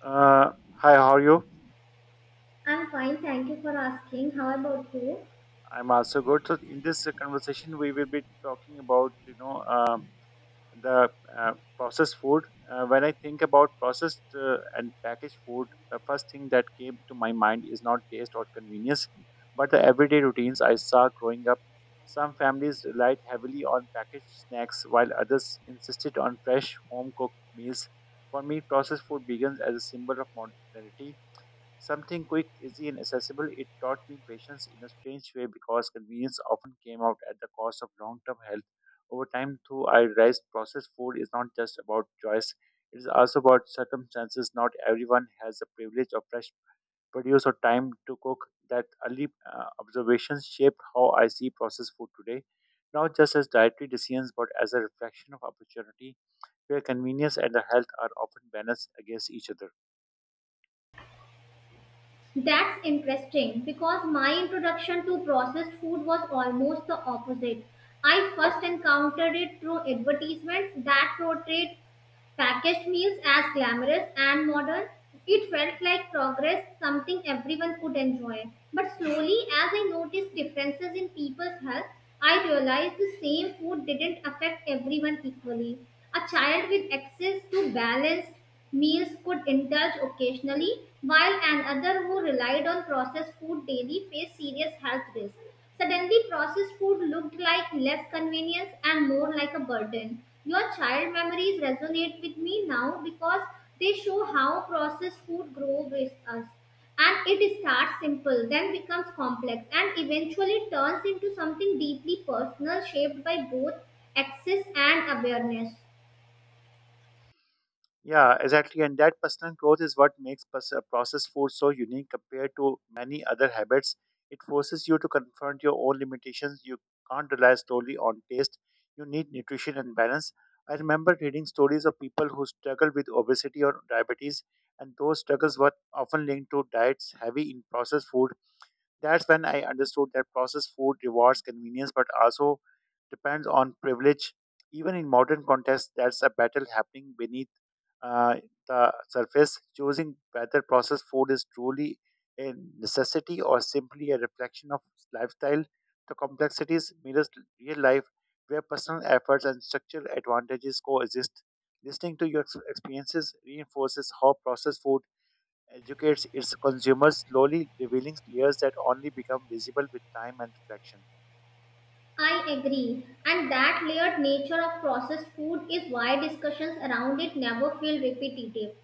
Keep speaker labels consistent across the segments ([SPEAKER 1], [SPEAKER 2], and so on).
[SPEAKER 1] Hi, how are you?
[SPEAKER 2] I'm fine, thank you for asking. How about you?
[SPEAKER 1] I'm also good. So in this conversation, we will be talking about you know the processed food. When I think about processed and packaged food, the first thing that came to my mind is not taste or convenience, but the everyday routines I saw growing up. Some families relied heavily on packaged snacks, while others insisted on fresh home cooked meals. For me, processed food begins as a symbol of modernity. Something quick, easy, and accessible, it taught me patience in a strange way because convenience often came out at the cost of long term health. Over time, too, I realized processed food is not just about choice, it is also about circumstances. Not everyone has the privilege of fresh produce or time to cook. That early observations shaped how I see processed food today, not just as dietary decisions, but as a reflection of opportunity where convenience and the health are often balanced against each other.
[SPEAKER 2] That's interesting because my introduction to processed food was almost the opposite. I first encountered it through advertisements that portrayed packaged meals as glamorous and modern. It felt like progress, something everyone could enjoy. But slowly, as I noticed differences in people's health, I realized the same food didn't affect everyone equally. A child with access to balanced meals could indulge occasionally, while another who relied on processed food daily faced serious health risks. Suddenly, processed food looked like less convenience and more like a burden. Your child memories resonate with me now because they show how processed food grows with us. And it starts simple, then becomes complex, and eventually turns into something deeply personal, shaped by both access and awareness.
[SPEAKER 1] Yeah, exactly. And that personal growth is what makes processed food so unique compared to many other habits. It forces you to confront your own limitations. You can't rely solely on taste. You need nutrition and balance. I remember reading stories of people who struggled with obesity or diabetes, and those struggles were often linked to diets heavy in processed food. That's when I understood that processed food rewards convenience but also depends on privilege. Even in modern contexts, that's a battle happening beneath uh, the surface. Choosing whether processed food is truly a necessity or simply a reflection of lifestyle. The complexities mirrors real life where personal efforts and structural advantages coexist. Listening to your experiences reinforces how processed food educates its consumers, slowly revealing layers that only become visible with time and reflection.
[SPEAKER 2] I agree, and that layered nature of processed food is why discussions around it never feel repetitive.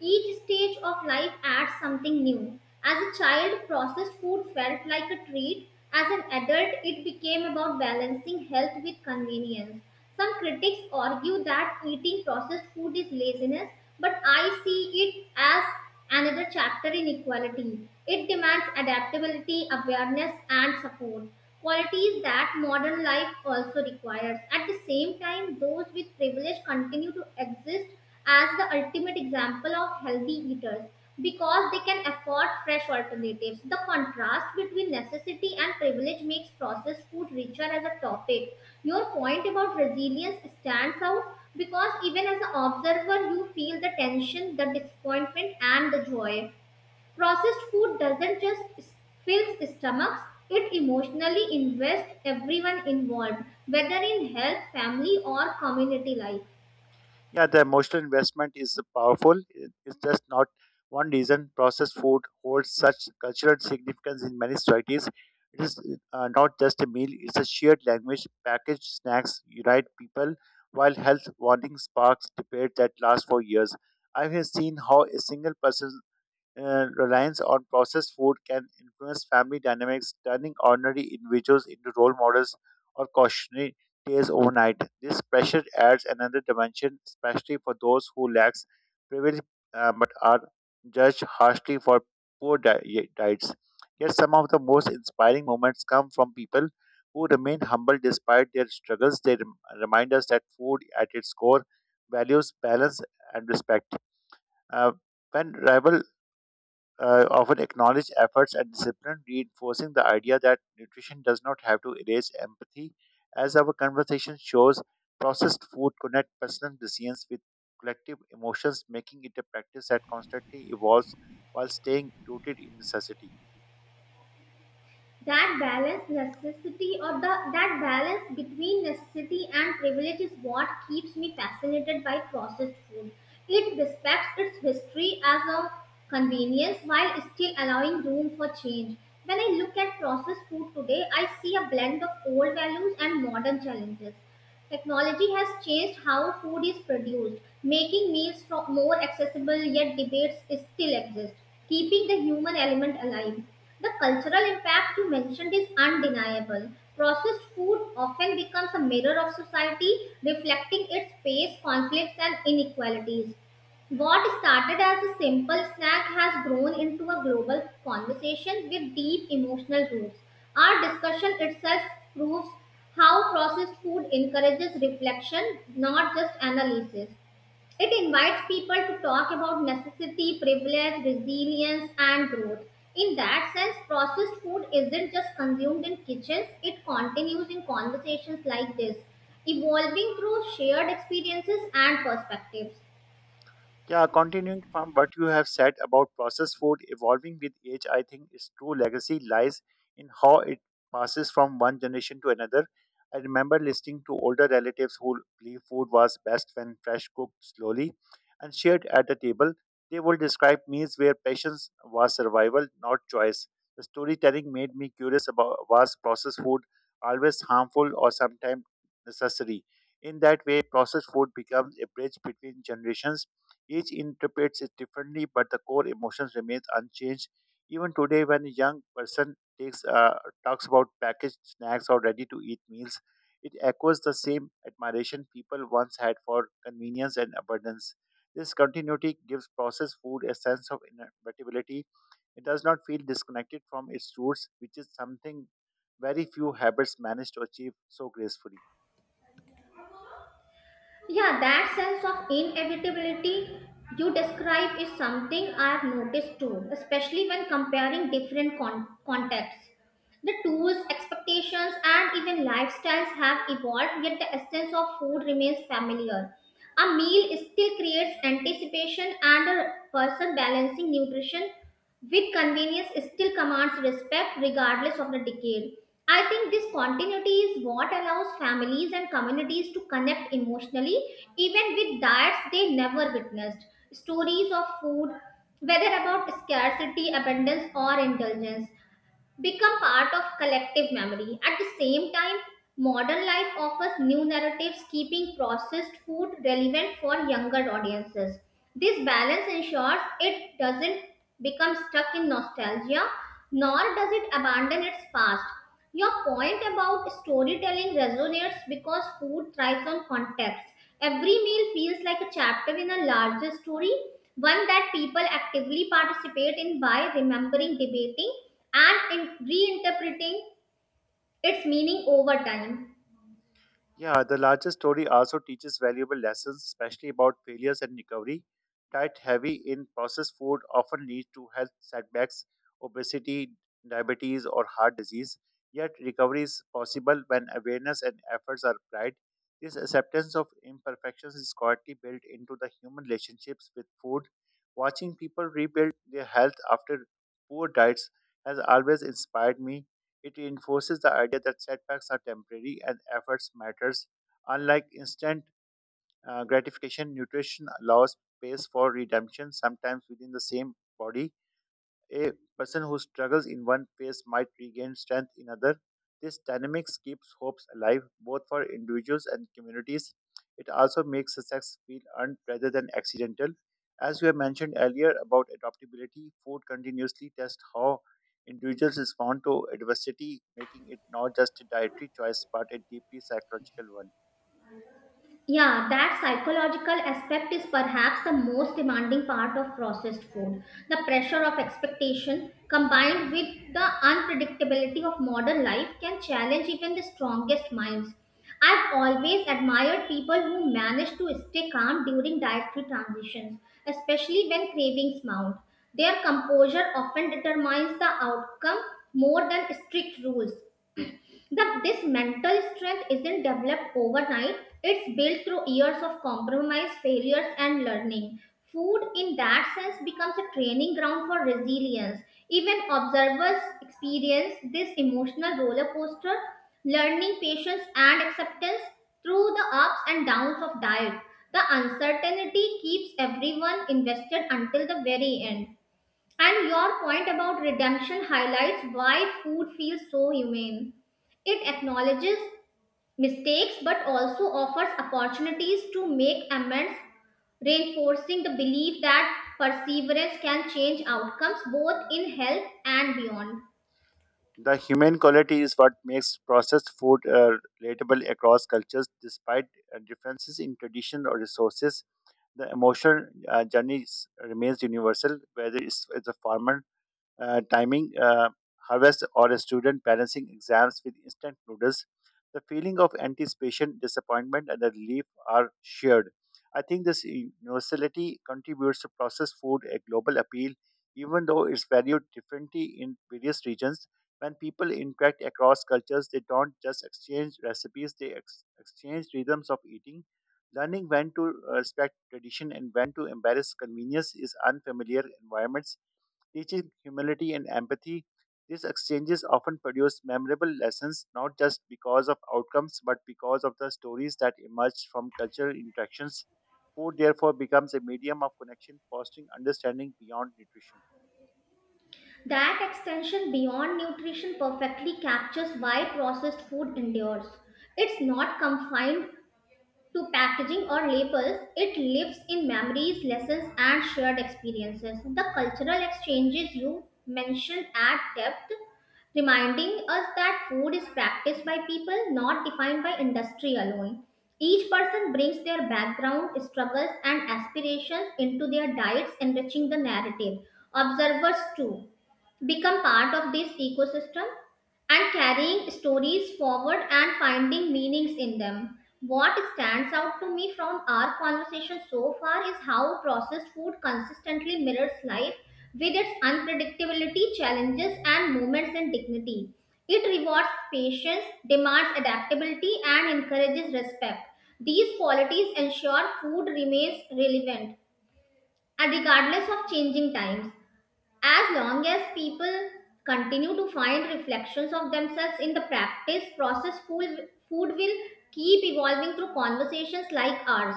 [SPEAKER 2] Each stage of life adds something new. As a child, processed food felt like a treat. As an adult, it became about balancing health with convenience. Some critics argue that eating processed food is laziness, but I see it as another chapter in equality. It demands adaptability, awareness, and support. Qualities that modern life also requires. At the same time, those with privilege continue to exist as the ultimate example of healthy eaters because they can afford fresh alternatives. The contrast between necessity and privilege makes processed food richer as a topic. Your point about resilience stands out because even as an observer, you feel the tension, the disappointment, and the joy. Processed food doesn't just fill stomachs, it emotionally invests everyone involved, whether in health, family, or community life.
[SPEAKER 1] Yeah, the emotional investment is powerful. It's just not one reason processed food holds such cultural significance in many societies. It is not just a meal, it's a shared language. Packaged snacks unite people, while health warnings sparks debate that lasts for years. I have seen how a single person reliance on processed food can influence family dynamics, turning ordinary individuals into role models or cautionary tales overnight. This pressure adds another dimension, especially for those who lack privilege but are judged harshly for poor diets. Yet, some of the most inspiring moments come from people who remain humble despite their struggles. They remind us that food, at its core, values balance and respect. Uh, when rival often acknowledge efforts and discipline, reinforcing the idea that nutrition does not have to erase empathy. As our conversation shows, processed food connect personal decisions with collective emotions, making it a practice that constantly evolves while staying rooted in necessity.
[SPEAKER 2] That balance between necessity and privilege is what keeps me fascinated by processed food. It respects its history as a convenience while still allowing room for change. When I look at processed food today, I see a blend of old values and modern challenges. Technology has changed how food is produced, making meals more accessible, yet debates still exist, keeping the human element alive. The cultural impact you mentioned is undeniable. Processed food often becomes a mirror of society, reflecting its pace, conflicts, and inequalities. What started as a simple snack has grown into a global conversation with deep emotional roots. Our discussion itself proves how processed food encourages reflection, not just analysis. It invites people to talk about necessity, privilege, resilience, and growth. In that sense, processed food isn't just consumed in kitchens, it continues in conversations like this, evolving through shared experiences and perspectives.
[SPEAKER 1] Yeah, continuing from what you have said about processed food evolving with age, I think its true legacy lies in how it passes from one generation to another. I remember listening to older relatives who believed food was best when fresh cooked slowly and shared at the table. They would describe meals where patience was survival, not choice. The storytelling made me curious about was processed food always harmful or sometimes necessary. In that way, processed food becomes a bridge between generations each interprets it differently, but the core emotions remains unchanged. Even today, when a young person takes talks about packaged snacks or ready-to-eat meals, it echoes the same admiration people once had for convenience and abundance. This continuity gives processed food a sense of inevitability. It does not feel disconnected from its roots, which is something very few habits manage to achieve so gracefully.
[SPEAKER 2] Yeah, that sense of inevitability you describe is something I've noticed too, especially when comparing different contexts. The tools, expectations, and even lifestyles have evolved, yet the essence of food remains familiar. A meal still creates anticipation, and a person balancing nutrition with convenience still commands respect regardless of the decade. I think this continuity is what allows families and communities to connect emotionally, even with diets they never witnessed. Stories of food, whether about scarcity, abundance, or indulgence, become part of collective memory. At the same time, modern life offers new narratives, keeping processed food relevant for younger audiences. This balance ensures it doesn't become stuck in nostalgia, nor does it abandon its past. Your point about storytelling resonates because food thrives on context. Every meal feels like a chapter in a larger story, one that people actively participate in by remembering, debating, and reinterpreting its meaning over time.
[SPEAKER 1] Yeah, the larger story also teaches valuable lessons, especially about failures and recovery. Diet heavy in processed food often leads to health setbacks, obesity, diabetes, or heart disease. Yet, recovery is possible when awareness and efforts are applied. This acceptance of imperfections is quietly built into the human relationships with food. Watching people rebuild their health after poor diets has always inspired me. It reinforces the idea that setbacks are temporary and efforts matters. Unlike instant gratification, nutrition allows space for redemption, sometimes within the same body. A person who struggles in one phase might regain strength in other. This dynamics keeps hopes alive both for individuals and communities. It also makes success feel earned rather than accidental. As we have mentioned earlier about adaptability, food continuously tests how individuals respond to adversity, making it not just a dietary choice but a deeply psychological one.
[SPEAKER 2] Yeah, that psychological aspect is perhaps the most demanding part of processed food. The pressure of expectation combined with the unpredictability of modern life can challenge even the strongest minds. I've always admired people who manage to stay calm during dietary transitions, especially when cravings mount. Their composure often determines the outcome more than strict rules. That this mental strength isn't developed overnight, it's built through years of compromise, failures, and learning. Food in that sense becomes a training ground for resilience. Even observers experience this emotional roller coaster, learning patience and acceptance through the ups and downs of diet. The uncertainty keeps everyone invested until the very end, and your point about redemption highlights why food feels so humane. It acknowledges mistakes but also offers opportunities to make amends, reinforcing the belief that perseverance can change outcomes both in health and beyond.
[SPEAKER 1] The humane quality is what makes processed food relatable across cultures despite differences in tradition or resources. The emotional journey remains universal, whether it's as a farmer timing harvest, or a student balancing exams with instant noodles, the feeling of anticipation, disappointment, and the relief are shared. I think this universality contributes to processed food a global appeal, even though it's valued differently in various regions. When people interact across cultures, they don't just exchange recipes, they exchange rhythms of eating. Learning when to respect tradition and when to embrace convenience is unfamiliar environments teaching humility and empathy. These exchanges often produce memorable lessons, not just because of outcomes, but because of the stories that emerge from cultural interactions. Food, therefore, becomes a medium of connection, fostering understanding beyond nutrition.
[SPEAKER 2] That extension beyond nutrition perfectly captures why processed food endures. It's not confined to packaging or labels, it lives in memories, lessons, and shared experiences. The cultural exchanges you mention at depth, reminding us that food is practiced by people, not defined by industry alone. Each person brings their background, struggles, and aspirations into their diets, enriching the narrative. Observers, too, become part of this ecosystem and carrying stories forward and finding meanings in them. What stands out to me from our conversation so far is how processed food consistently mirrors life with its unpredictability, challenges, and moments in dignity. It rewards patience, demands adaptability, and encourages respect. These qualities ensure food remains relevant and regardless of changing times. As long as people continue to find reflections of themselves in the practice, process, food will keep evolving through conversations like ours.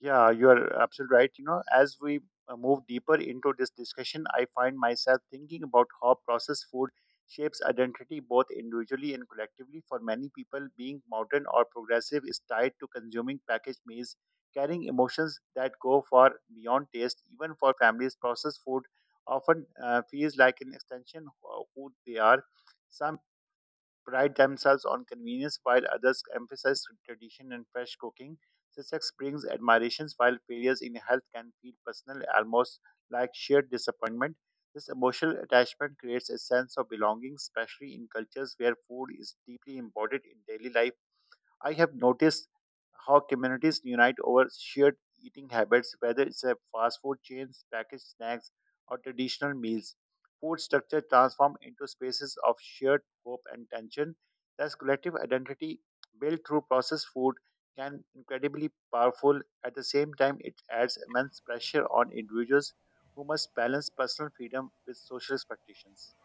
[SPEAKER 1] Yeah, you are absolutely right. You know, as we move deeper into this discussion, I find myself thinking about how processed food shapes identity both individually and collectively. For many people, being modern or progressive is tied to consuming packaged meals, carrying emotions that go far beyond taste. Even for families, processed food often feels like an extension of who they are. Some pride themselves on convenience while others emphasize tradition and fresh cooking. Success brings admirations while failures in health can feel personal, almost like shared disappointment. This emotional attachment creates a sense of belonging, especially in cultures where food is deeply embodied in daily life. I have noticed how communities unite over shared eating habits, whether it's a fast food chains, packaged snacks, or traditional meals. Food structure transform into spaces of shared hope and tension. Thus, collective identity built through processed food can incredibly powerful. At the same time, it adds immense pressure on individuals who must balance personal freedom with social expectations.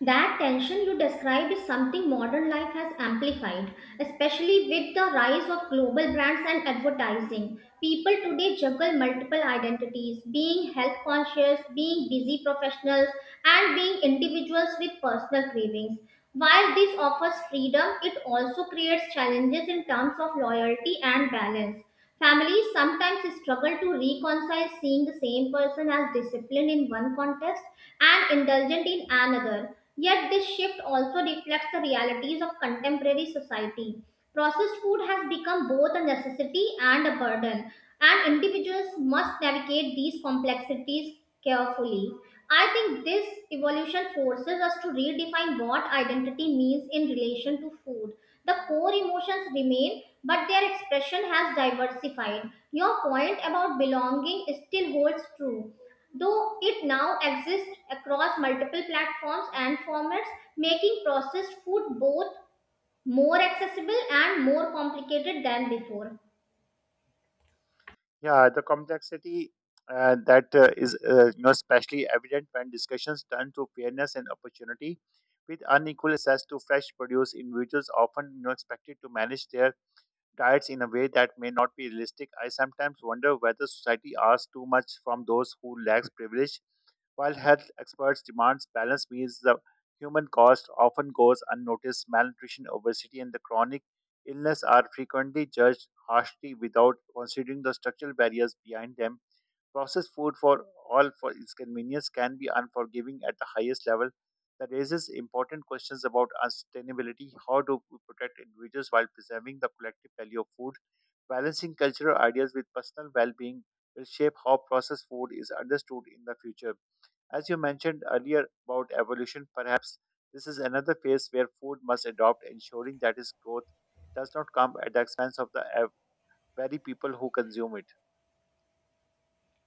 [SPEAKER 2] That tension you described is something modern life has amplified, especially with the rise of global brands and advertising. People today juggle multiple identities, being health conscious, being busy professionals, and being individuals with personal cravings. While this offers freedom, it also creates challenges in terms of loyalty and balance. Families sometimes struggle to reconcile seeing the same person as disciplined in one context and indulgent in another. Yet, this shift also reflects the realities of contemporary society. Processed food has become both a necessity and a burden, and individuals must navigate these complexities carefully. I think this evolution forces us to redefine what identity means in relation to food. The core emotions remain, but their expression has diversified. Your point about belonging still holds true, though it now exists across multiple platforms and formats, making processed food both more accessible and more complicated than before.
[SPEAKER 1] Yeah, the complexity that is you know, especially evident when discussions turn to fairness and opportunity. With unequal access to fresh produce, individuals often expected to manage their diets in a way that may not be realistic. I sometimes wonder whether society asks too much from those who lacks privilege, while health experts demand balanced meals, the human cost often goes unnoticed. Malnutrition, obesity, and the chronic illness are frequently judged harshly without considering the structural barriers behind them. Processed food, for all for its convenience, can be unforgiving at the highest level. That raises important questions about sustainability. How do we protect individuals while preserving the collective value of food? Balancing cultural ideas with personal well being will shape how processed food is understood in the future. As you mentioned earlier about evolution, perhaps this is another phase where food must adopt, ensuring that its growth does not come at the expense of the very people who consume it.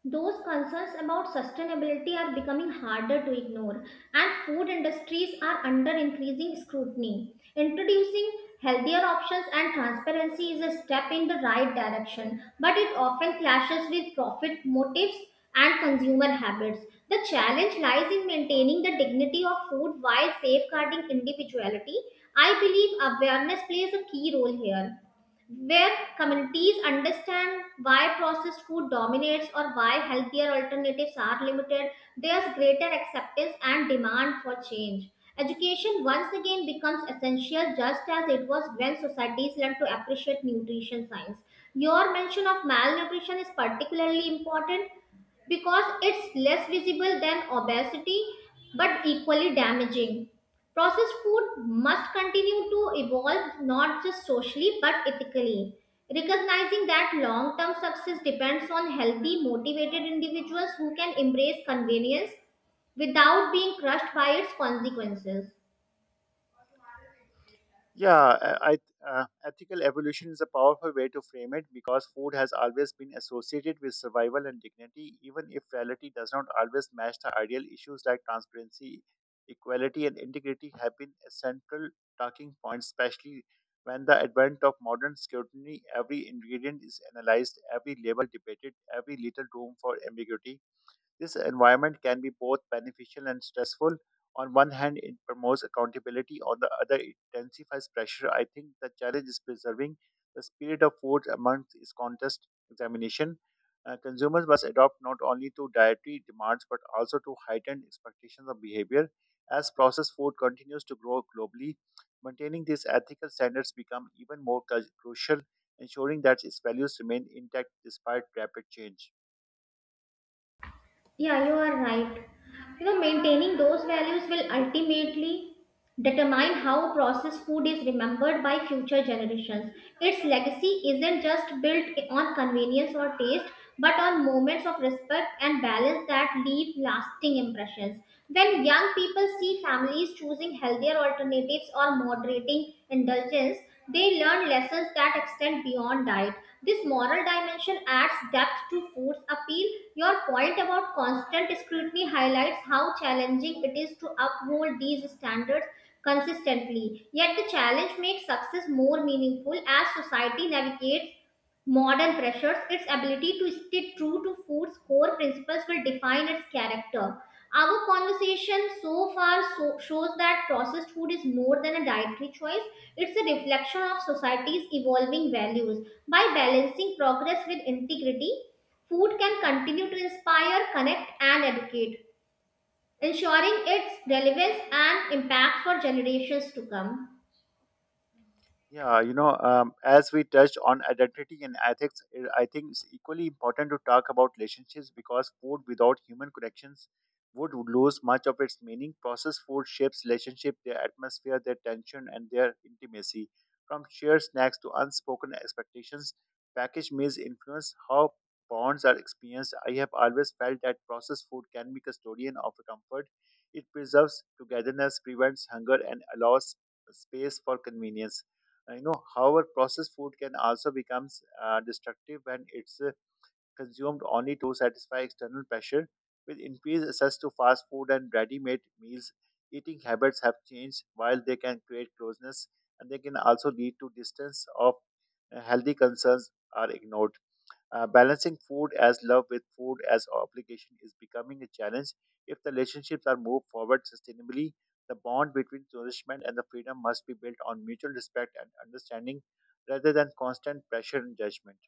[SPEAKER 2] Those concerns about sustainability are becoming harder to ignore, and food industries are under increasing scrutiny. Introducing healthier options and transparency is a step in the right direction, but it often clashes with profit motives and consumer habits. The challenge lies in maintaining the dignity of food while safeguarding individuality. I believe awareness plays a key role here. Where communities understand why processed food dominates or why healthier alternatives are limited, there's greater acceptance and demand for change. Education once again becomes essential, just as it was when societies learned to appreciate nutrition science. Your mention of malnutrition is particularly important because it's less visible than obesity but equally damaging. Processed food must continue to evolve not just socially but ethically, recognizing that long term success depends on healthy, motivated individuals who can embrace convenience without being crushed by its consequences.
[SPEAKER 1] Yeah, ethical evolution is a powerful way to frame it because food has always been associated with survival and dignity, even if reality does not always match the ideal. Issues like transparency, equality, and integrity have been a central talking point, especially when the advent of modern scrutiny, every ingredient is analyzed, every label debated, every little room for ambiguity. This environment can be both beneficial and stressful. On one hand, it promotes accountability, on the other, it intensifies pressure. I think the challenge is preserving the spirit of food amongst its contest examination. Consumers must adopt not only to dietary demands but also to heightened expectations of behavior. As processed food continues to grow globally, maintaining these ethical standards become even more crucial, ensuring that its values remain intact despite rapid change.
[SPEAKER 2] Yeah, you are right. You know, maintaining those values will ultimately determine how processed food is remembered by future generations. Its legacy isn't just built on convenience or taste, but on moments of respect and balance that leave lasting impressions. When young people see families choosing healthier alternatives or moderating indulgence, they learn lessons that extend beyond diet. This moral dimension adds depth to food's appeal. Your point about constant scrutiny highlights how challenging it is to uphold these standards consistently. Yet the challenge makes success more meaningful. As society navigates modern pressures, its ability to stay true to food's core principles will define its character. Our conversation so far shows that processed food is more than a dietary choice, it's a reflection of society's evolving values. By balancing progress with integrity, food can continue to inspire, connect, and educate, ensuring its relevance and impact for generations to come.
[SPEAKER 1] Yeah, as we touched on identity and ethics, I think it's equally important to talk about relationships because food without human connections would lose much of its meaning. Processed food shapes relationship, their atmosphere, their tension, and their intimacy. From shared snacks to unspoken expectations, packaged meals influence how bonds are experienced. I have always felt that processed food can be custodian of comfort. It preserves togetherness, prevents hunger, and allows space for convenience. However, processed food can also becomes destructive when it's consumed only to satisfy external pressure with increased access to fast food and ready-made meals. Eating habits have changed. While they can create closeness, and they can also lead to distance of healthy concerns are ignored. Balancing food as love with food as obligation is becoming a challenge. If the relationships are moved forward sustainably, the bond between nourishment and the freedom must be built on mutual respect and understanding rather than constant pressure and judgment.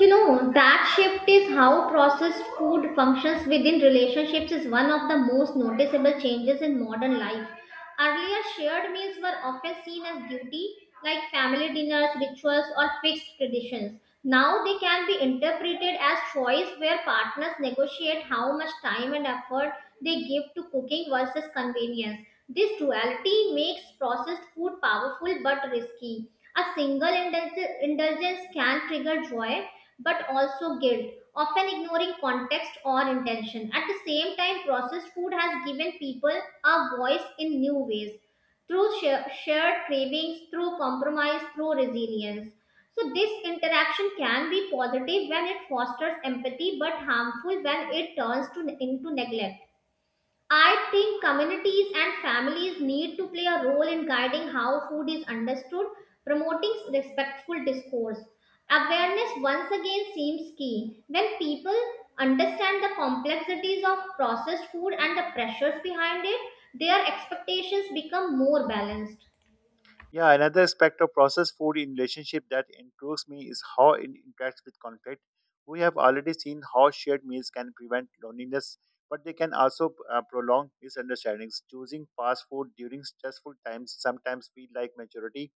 [SPEAKER 2] You know, that shift is how processed food functions within relationships is one of the most noticeable changes in modern life. Earlier, shared meals were often seen as duty, like family dinners, rituals, or fixed traditions. Now they can be interpreted as choice where partners negotiate how much time and effort they give to cooking versus convenience. This duality makes processed food powerful but risky. A single indulgence can trigger joy, but also guilt, often ignoring context or intention. At the same time, processed food has given people a voice in new ways through shared cravings, through compromise, through resilience. So, this interaction can be positive when it fosters empathy but harmful when it into neglect. I think communities and families need to play a role in guiding how food is understood, promoting respectful discourse. Awareness once again seems key. When people understand the complexities of processed food and the pressures behind it, their expectations become more balanced.
[SPEAKER 1] Yeah, another aspect of processed food in relationship that intrigues me is how it interacts with conflict. We have already seen how shared meals can prevent loneliness, but they can also prolong misunderstandings. Choosing fast food during stressful times sometimes feel like maturity,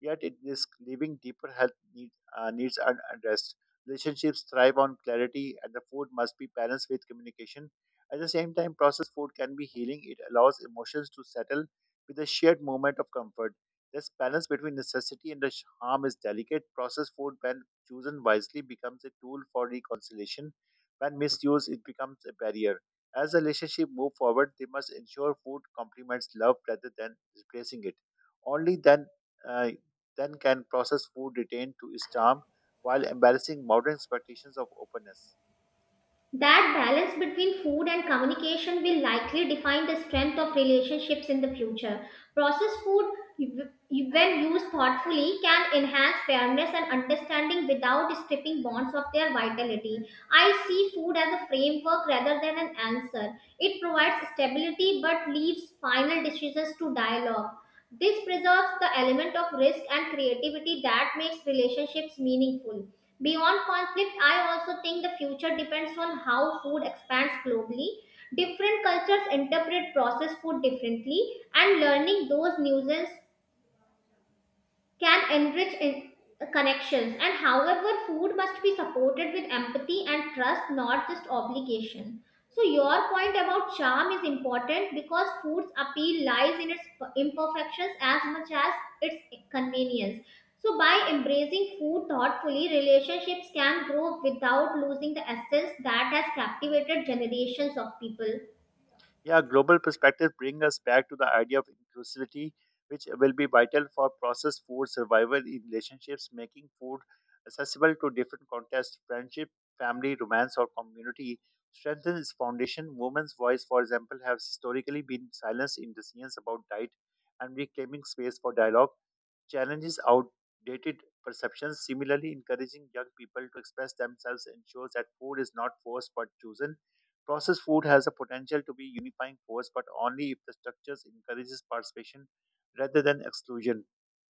[SPEAKER 1] yet it risks leaving deeper health needs unaddressed. Relationships thrive on clarity, and the food must be balanced with communication. At the same time, processed food can be healing. It allows emotions to settle with a shared moment of comfort. This balance between necessity and the harm is delicate. Processed food, when chosen wisely, becomes a tool for reconciliation. When misused, it becomes a barrier. As the relationship move forward, they must ensure food complements love rather than replacing it. Only uh, then can process food retained to its charm while embarrassing modern expectations of openness.
[SPEAKER 2] That balance between food and communication will likely define the strength of relationships in the future. Processed food, when used thoughtfully, can enhance fairness and understanding without stripping bonds of their vitality. I see food as a framework rather than an answer. It provides stability but leaves final decisions to dialogue. This preserves the element of risk and creativity that makes relationships meaningful. Beyond conflict, I also think the future depends on how food expands globally. Different cultures interpret processed food differently, and learning those nuances can enrich in connections. And however, food must be supported with empathy and trust, not just obligation. So your point about charm is important because food's appeal lies in its imperfections as much as its convenience. So by embracing food thoughtfully, relationships can grow without losing the essence that has captivated generations of people.
[SPEAKER 1] Yeah, global perspective brings us back to the idea of inclusivity, which will be vital for processed food survival in relationships, making food accessible to different contexts, friendship, family, romance, or community strengthens its foundation. Women's voice, for example, has historically been silenced in decisions about diet, and reclaiming space for dialogue challenges outdated perceptions. Similarly, encouraging young people to express themselves ensures that food is not forced but chosen. Processed food has the potential to be unifying force, but only if the structures encourages participation rather than exclusion.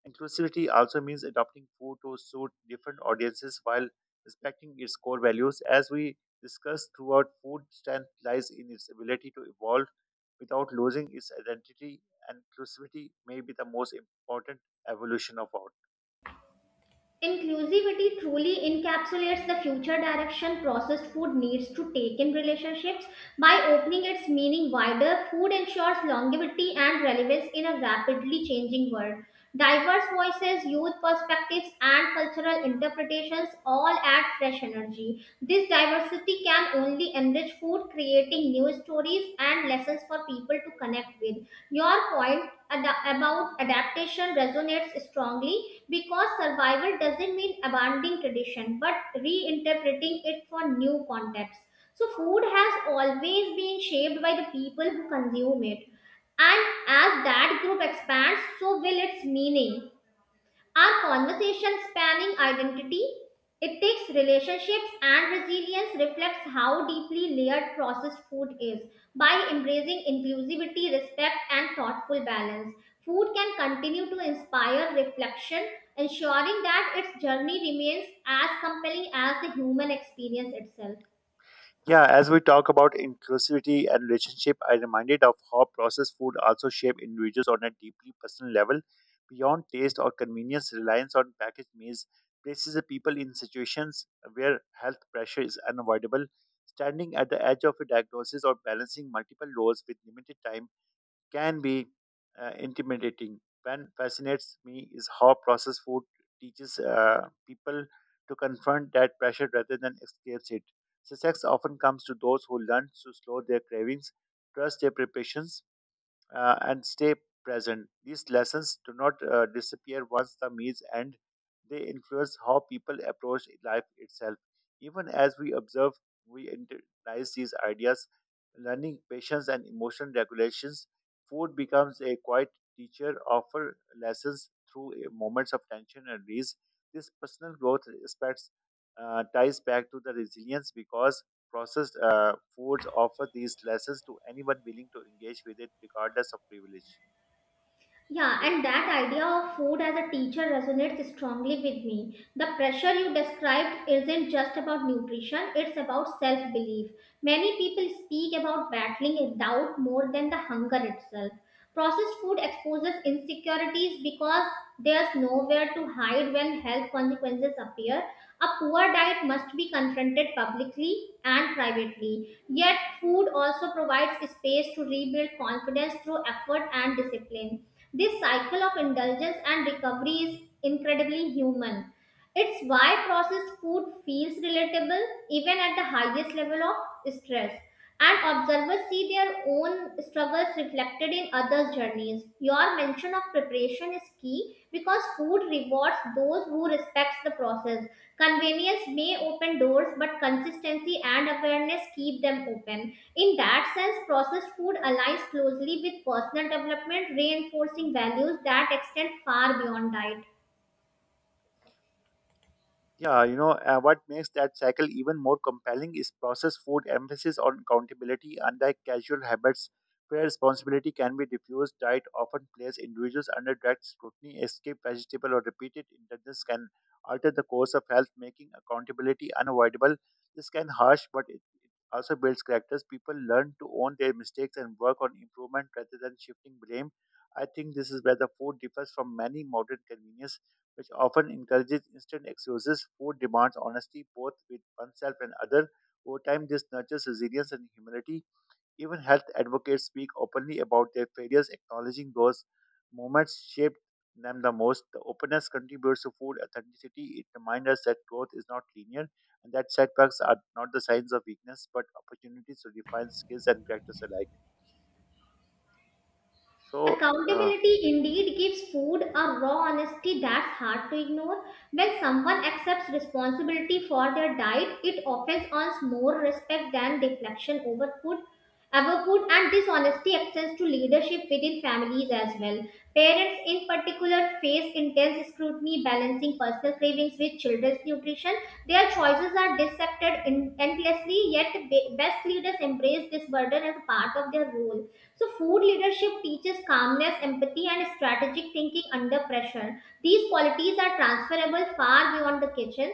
[SPEAKER 1] Inclusivity also means adopting food to suit different audiences while respecting its core values. As we discussed throughout, food strength lies in its ability to evolve without losing its identity, and inclusivity may be the most important evolution of all.
[SPEAKER 2] Inclusivity truly encapsulates the future direction processed food needs to take in relationships. By opening its meaning wider, food ensures longevity and relevance in a rapidly changing world. Diverse voices, youth perspectives, and cultural interpretations all add fresh energy. This diversity can only enrich food, creating new stories and lessons for people to connect with. Your point about adaptation resonates strongly because survival doesn't mean abandoning tradition but reinterpreting it for new contexts. So, food has always been shaped by the people who consume it, and as that group expands, so will its meaning. Our conversation spanning identity, ethics, relationships, and resilience reflects how deeply layered processed food is. By embracing inclusivity, respect, and thoughtful balance, food can continue to inspire reflection, ensuring that its journey remains as compelling as the human experience itself.
[SPEAKER 1] Yeah, as we talk about inclusivity and relationship, I reminded of how processed food also shape individuals on a deeply personal level. Beyond taste or convenience, reliance on packaged meals places the people in situations where health pressure is unavoidable. Standing at the edge of a diagnosis or balancing multiple roles with limited time can be intimidating. What fascinates me is how processed food teaches people to confront that pressure rather than escape it. Success often comes to those who learn to slow their cravings, trust their preparations, and stay present. These lessons do not disappear once the meals end. They influence how people approach life itself. Even as we observe, we internalize these ideas, learning patience and emotional regulations. Food becomes a quiet teacher, offer lessons through moments of tension and ease. This personal growth aspects ties back to the resilience because processed foods offer these lessons to anyone willing to engage with it, regardless of privilege.
[SPEAKER 2] Yeah, and that idea of food as a teacher resonates strongly with me. The pressure you described isn't just about nutrition, it's about self belief. Many people speak about battling a doubt more than the hunger itself. Processed food exposes insecurities because there's nowhere to hide when health consequences appear. A poor diet must be confronted publicly and privately. Yet, food also provides space to rebuild confidence through effort and discipline. This cycle of indulgence and recovery is incredibly human. It's why processed food feels relatable even at the highest level of stress, and observers see their own struggles reflected in others' journeys. Your mention of preparation is key because food rewards those who respects the process. Convenience may open doors, but consistency and awareness keep them open. In that sense, processed food aligns closely with personal development, reinforcing values that extend far beyond diet.
[SPEAKER 1] Yeah, what makes that cycle even more compelling is processed food emphasis on accountability, unlike casual habits where responsibility can be diffused. Diet often places individuals under direct scrutiny. A skip vegetable or repeated indulgence can alter the course of health, making accountability unavoidable. This can harsh, but it also builds characters. People learn to own their mistakes and work on improvement rather than shifting blame. I think this is where the food differs from many modern convenience which often encourages instant excuses. Food demands honesty both with oneself and other. Over time, this nurtures resilience and humility. Even health advocates speak openly about their failures, acknowledging those moments shaped them the most. The openness contributes to food authenticity. It reminds us that growth is not linear and that setbacks are not the signs of weakness but opportunities to refine skills and practice alike. So, uh,
[SPEAKER 2] Accountability indeed gives food a raw honesty that's hard to ignore. When someone accepts responsibility for their diet, it often earns more respect than deflection over food. Over food and dishonesty extends to leadership within families as well. Parents, in particular, face intense scrutiny balancing personal cravings with children's nutrition. Their choices are dissected endlessly, yet, best leaders embrace this burden as part of their role. So, food leadership teaches calmness, empathy, and strategic thinking under pressure. These qualities are transferable far beyond the kitchen.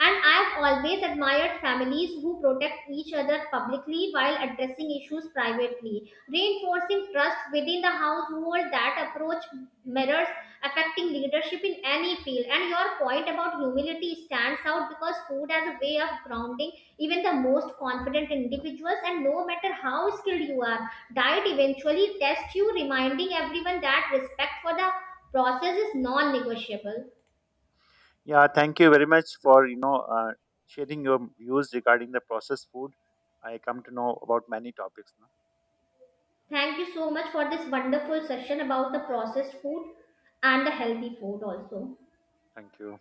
[SPEAKER 2] And I've always admired families who protect each other publicly while addressing issues privately. Reinforcing trust within the household, that approach mirrors affecting leadership in any field. And your point about humility stands out because food has a way of grounding even the most confident individuals, and no matter how skilled you are, diet eventually tests you, reminding everyone that respect for the process is non negotiable.
[SPEAKER 1] Yeah, thank you very much for sharing your views regarding the processed food. I come to know about many topics. No?
[SPEAKER 2] Thank you so much for this wonderful session about the processed food and the healthy food, also.
[SPEAKER 1] Thank you.